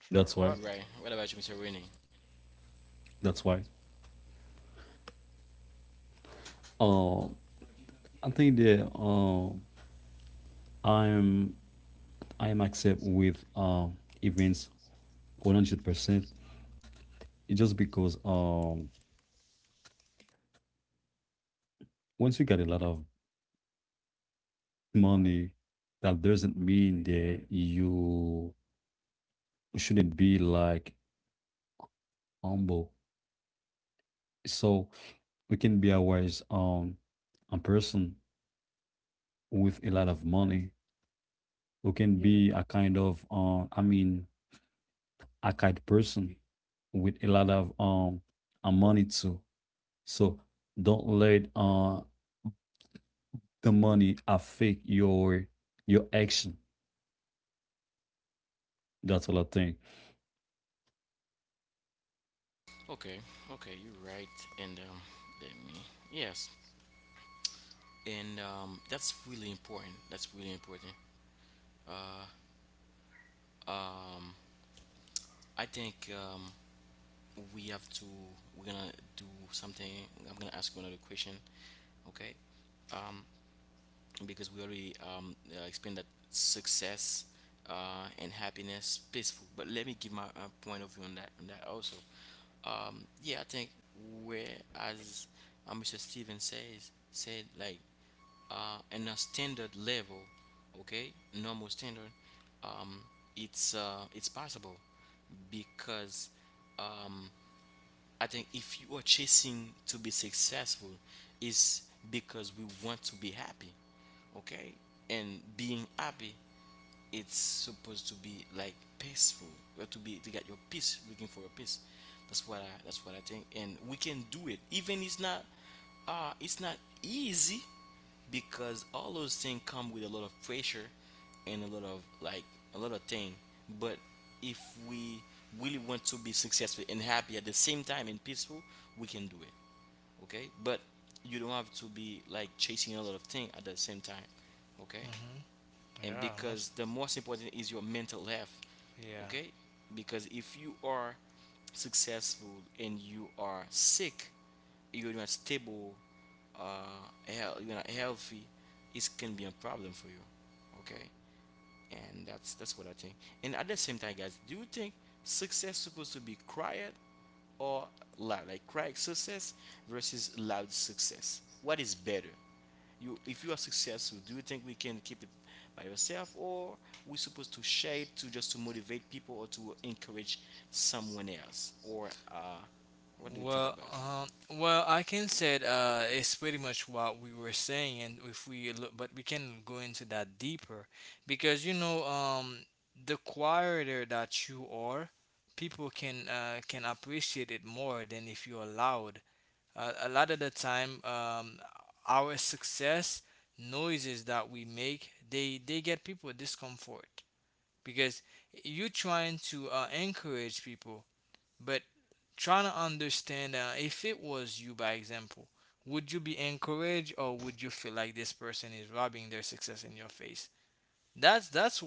Sure.
That's why,
You're
What?
right. What about you, Mr. Winnie?
that's why um I think that, i'm I'm accept with events 100%. It's just because, once you get a lot of money, that doesn't mean that you shouldn't be like humble. So we can be a wise a person with a lot of money. We can, yeah, be a kind of, I mean, a kind person with a lot of money too. So don't let the money affect your action. That's all I think.
Okay, okay, you're right. And let me, yes, and that's really important. That's really important. Um, I think we have to we're gonna do something. I'm gonna ask you another question, okay. um because we already explained that success and happiness peaceful, but let me give my point of view on that, also. Yeah, I think, where as Mr. Steven says said, like in a standard level, okay, normal standard. um it's, it's possible because um I think if you are chasing to be successful, is because we want to be happy, okay? And being happy, it's supposed to be like peaceful. You have to be to get your peace, looking for your peace. That's what I. That's what I think. And we can do it. Even it's not. It's not easy because all those things come with a lot of pressure and a lot of like a lot of thing. But if we really want to be successful and happy at the same time and peaceful, we can do it, okay. But you don't have to be like chasing a lot of thing at the same time, okay.
Hmm.
And
Yeah.
because
Most.
the most important is your mental health,
Yeah.
okay. Because if you are successful and you are sick, you're not stable, uh you're not healthy, it can be a problem for you, okay. And that's what I think. And at the same time, guys, do you think success supposed to be quiet or loud? Like quiet success versus loud success. What is better? You, if you are successful, do you think we can keep it by yourself, or we supposed to share it to just to motivate people or to encourage someone else? Or what do you think
Well,
about it?
well, I can say, it's pretty much what we were saying, and if we look, but we can go into that deeper, because, you know, the quieter that you are, people can appreciate it more than if you're loud. A lot of the time, our success noises that we make, they get people discomfort. Because you're trying to encourage people, but trying to understand, if it was you, by example, would you be encouraged, or would you feel like this person is rubbing their success in your face? That's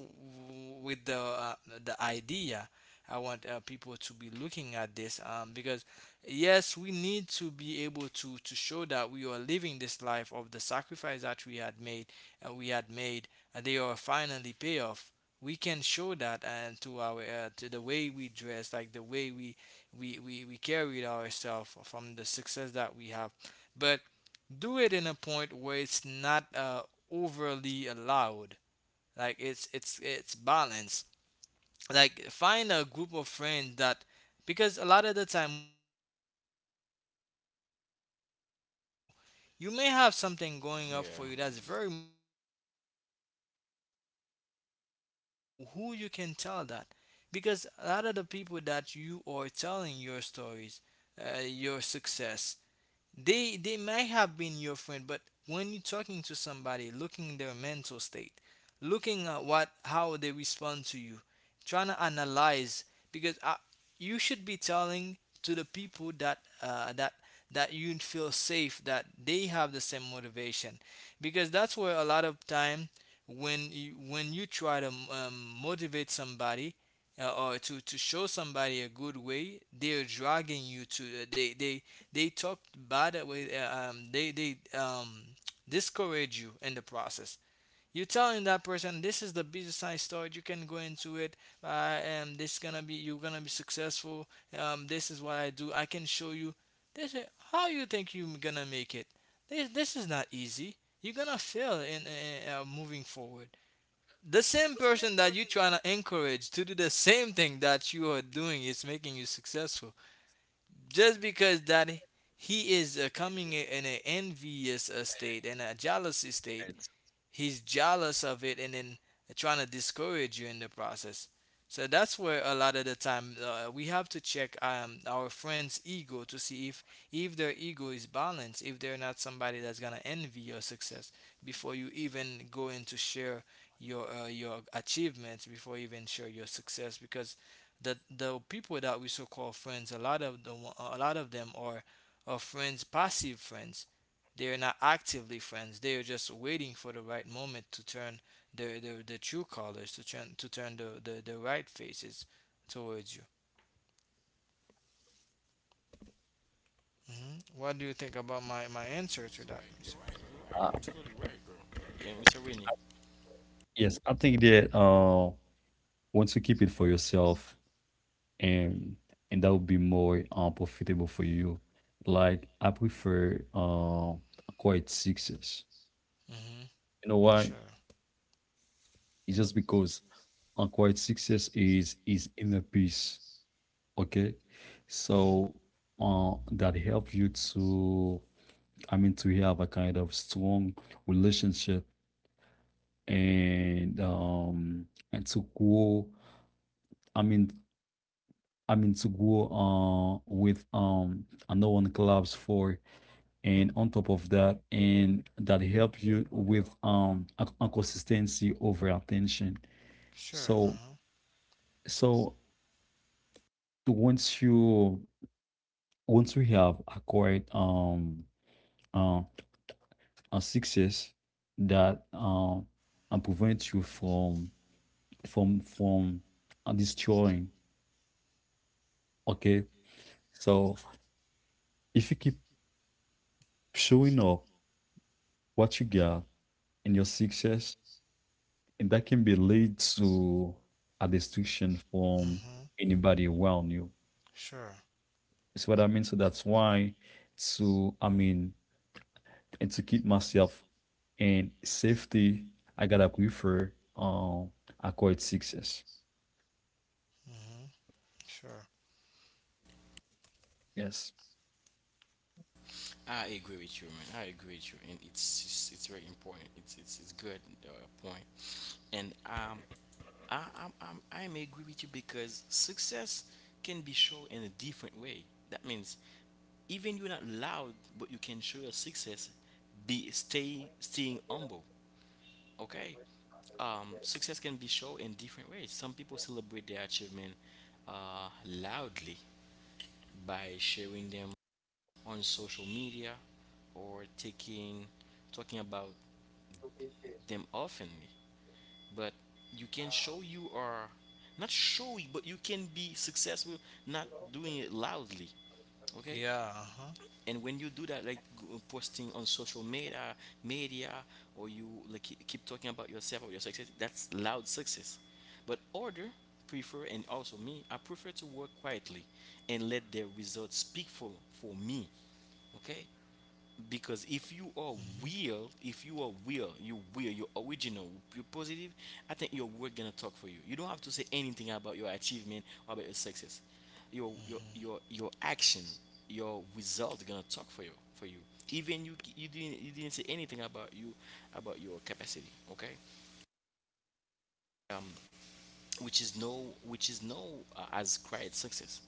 with the idea. I want people to be looking at this, because yes, we need to be able to show that we are living this life of the sacrifice that we had made and we had made, and they are finally pay off. We can show that, and to our to the way we dress, like the way we carried ourselves from the success that we have, but do it in a point where it's not overly allowed, like it's balance. Like, find a group of friends that, because a lot of the time we share our the news with the wrong people. You may have something going up
Yeah.
for you that's very much interesting, but you have to identify who you can tell that, because a lot of the people that you are telling your stories, your success, they might have been your friend, but when you're talking to somebody, looking their mental state, looking at what how they respond to you, trying to analyze, because I, you should be telling to the people that that that you feel safe, that they have the same motivation, because that's where a lot of time when you try to motivate somebody, or to show somebody a good way, they're dragging you to they talk bad with they discourage you in the process. You're telling that person, this is the business I started. You can go into it. And this gonna be you're gonna be successful. This is what I do. I can show you. This is how you think you're gonna make it. This is not easy. You're gonna fail in moving forward. The same person that you're trying to encourage to do the same thing that you are doing is making you successful, just because that he is coming in an envious state and a jealousy state, he's jealous of it, and then trying to discourage you in the process. So that's where a lot of the time we have to check our friend's ego to see if their ego is balanced, if they're not somebody that's gonna envy your success before you even go in to share your achievements, before you even share your success, because the people that we so call friends, a lot of the a lot of them are friends, passive friends. They are not actively friends. They are just waiting for the right moment to turn the true colors to turn the right faces towards you. Hmm. What do you think about my answer to
You're
that,
right. You're
Mister?
right. You're right.
Uh,
You're totally right, bro. Yeah, Mr. Winnie.
Yes, I think that once you keep it for yourself, and and that would be more profitable for you. Like I prefer quiet success.
Hmm.
You know why?
Sure.
It's just because on quiet sixes is inner peace. Okay,
Hmm.
so that help you to, I mean, to have a kind of strong relationship and um and to grow. I mean, I mean to go with another one clubs for, and on top of that, and that help you with a consistency over attention.
Sure.
So
Uh-huh.
so once you, once we have acquired uh, a success that, prevents you from from from destroying. Okay, so if you keep showing up what you got and your success, and that can be lead to a destruction from
Hmm.
anybody around you.
Sure.
It's what I mean. So that's why, to, I mean, and to keep myself in safety, I gotta prefer acquired success.
hmm Sure.
Yes.
I agree with you, man. I agree with you, and it's very important. It's good uh, point, and I'm agree with you because success can be shown in a different way. That means even you're not loud, but you can show your success. Be staying humble, okay? Success can be shown in different ways. Some people celebrate their achievement loudly by sharing them on social media, or taking talking about them oftenly. But you can show you are, not show you, but you can be successful not doing it loudly, okay.
Yeah. Uh huh.
And when you do that, like posting on social media, or you like keep talking about yourself or your success, that's loud success. But order prefer, and also me, I prefer to work quietly and let the results speak for me, okay. Because
Hmm.
if you are real, you're original, you're positive. I think your word gonna talk for you. You don't have to say anything about your achievement or about your success.
Hmm.
Your action, your result gonna talk for you even you didn't, say anything about you, about your capacity, okay. Which is no, as quiet success.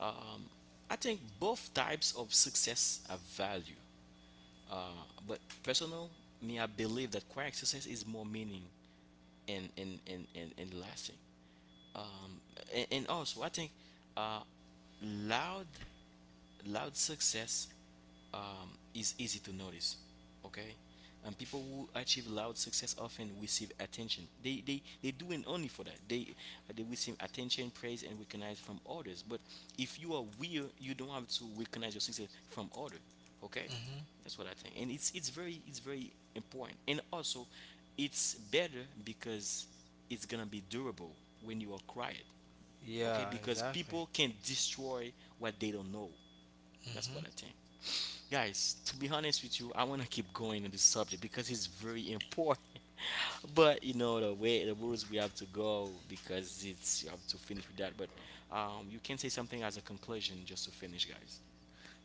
um, I think both types of success have value. Uh, but personal, me, I believe that quiet success is more meaning and lasting. Um, and also, I think, uh, loud loud success is easy to notice, okay. And people who achieve loud success often receive attention. They do it only for that. They receive attention, praise, and recognize from others. But if you are real, you don't have to recognize your success from others. Okay,
Hmm.
that's what I think. And it's very important. And also it's better because it's gonna be durable when you are quiet, okay.
Yeah.
Because
Exactly.
people can destroy what they don't know. That's
Hmm.
what I think. Guys, to be honest with you, I want to keep going on this subject because it's very important. But you know the way, the rules, we have to go because it's, you have to finish with that. But you can say something as a conclusion just to finish, guys.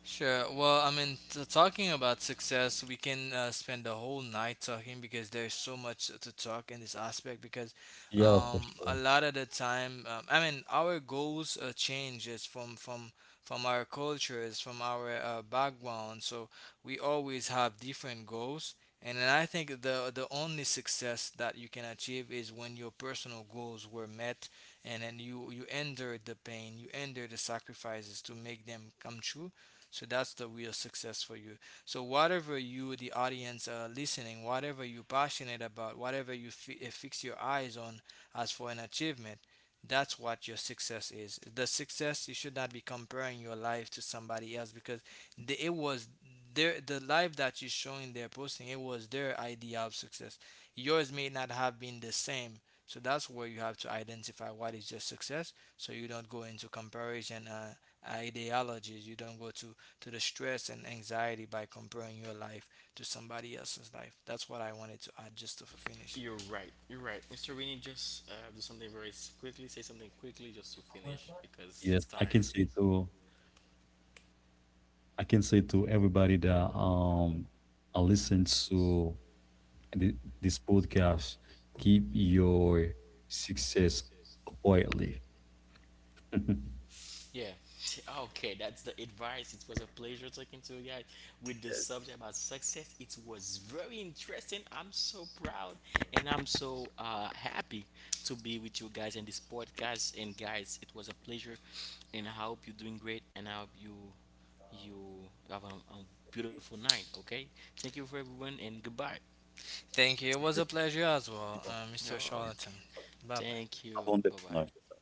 Sure. Well, I mean, talking about success, we can spend the whole night talking, because there's so much to talk in this aspect. Because
Yeah, for
a
sure.
lot of the time, I mean, our goals changes from our cultures, from our background. So we always have different goals, and then I think the only success that you can achieve is when your personal goals were met, and then you endured the pain, you endured the sacrifices to make them come true, so that's the real success for you. So whatever you, the audience, are listening, whatever you're passionate about, whatever you fix your eyes on as for an achievement, that's what your success is. The success, you should not be comparing your life to somebody else, because the, it was their the life that you're showing their posting. It was their idea of success. Yours may not have been the same. So that's where you have to identify what is your success, so you don't go into comparison ideologies. You don't go to the stress and anxiety by comparing your life to somebody else's life. That's what I wanted to add just to finish.
You're right. You're right. Mr. Winnie, just do something very quickly. Say something quickly just to finish because it's
Yes.
time.
I can say to everybody that, I listen to this podcast, keep your success quietly.
Yeah. Okay, that's the advice. It was a pleasure talking to you guys with the
Yes.
subject about success. It was very interesting. I'm so proud, and I'm so happy to be with you guys in this podcast. And guys, it was a pleasure. And I hope you're doing great. And I hope you have a beautiful night. Okay. Thank you for everyone and goodbye.
Thank you.
Essa
It was
aqui
a
é
pleasure as well, Mr.
Okay.
Charlatan. Bye bye.
Thank
a
you.
Avon
Bye
Devonagem,
bye.
tá.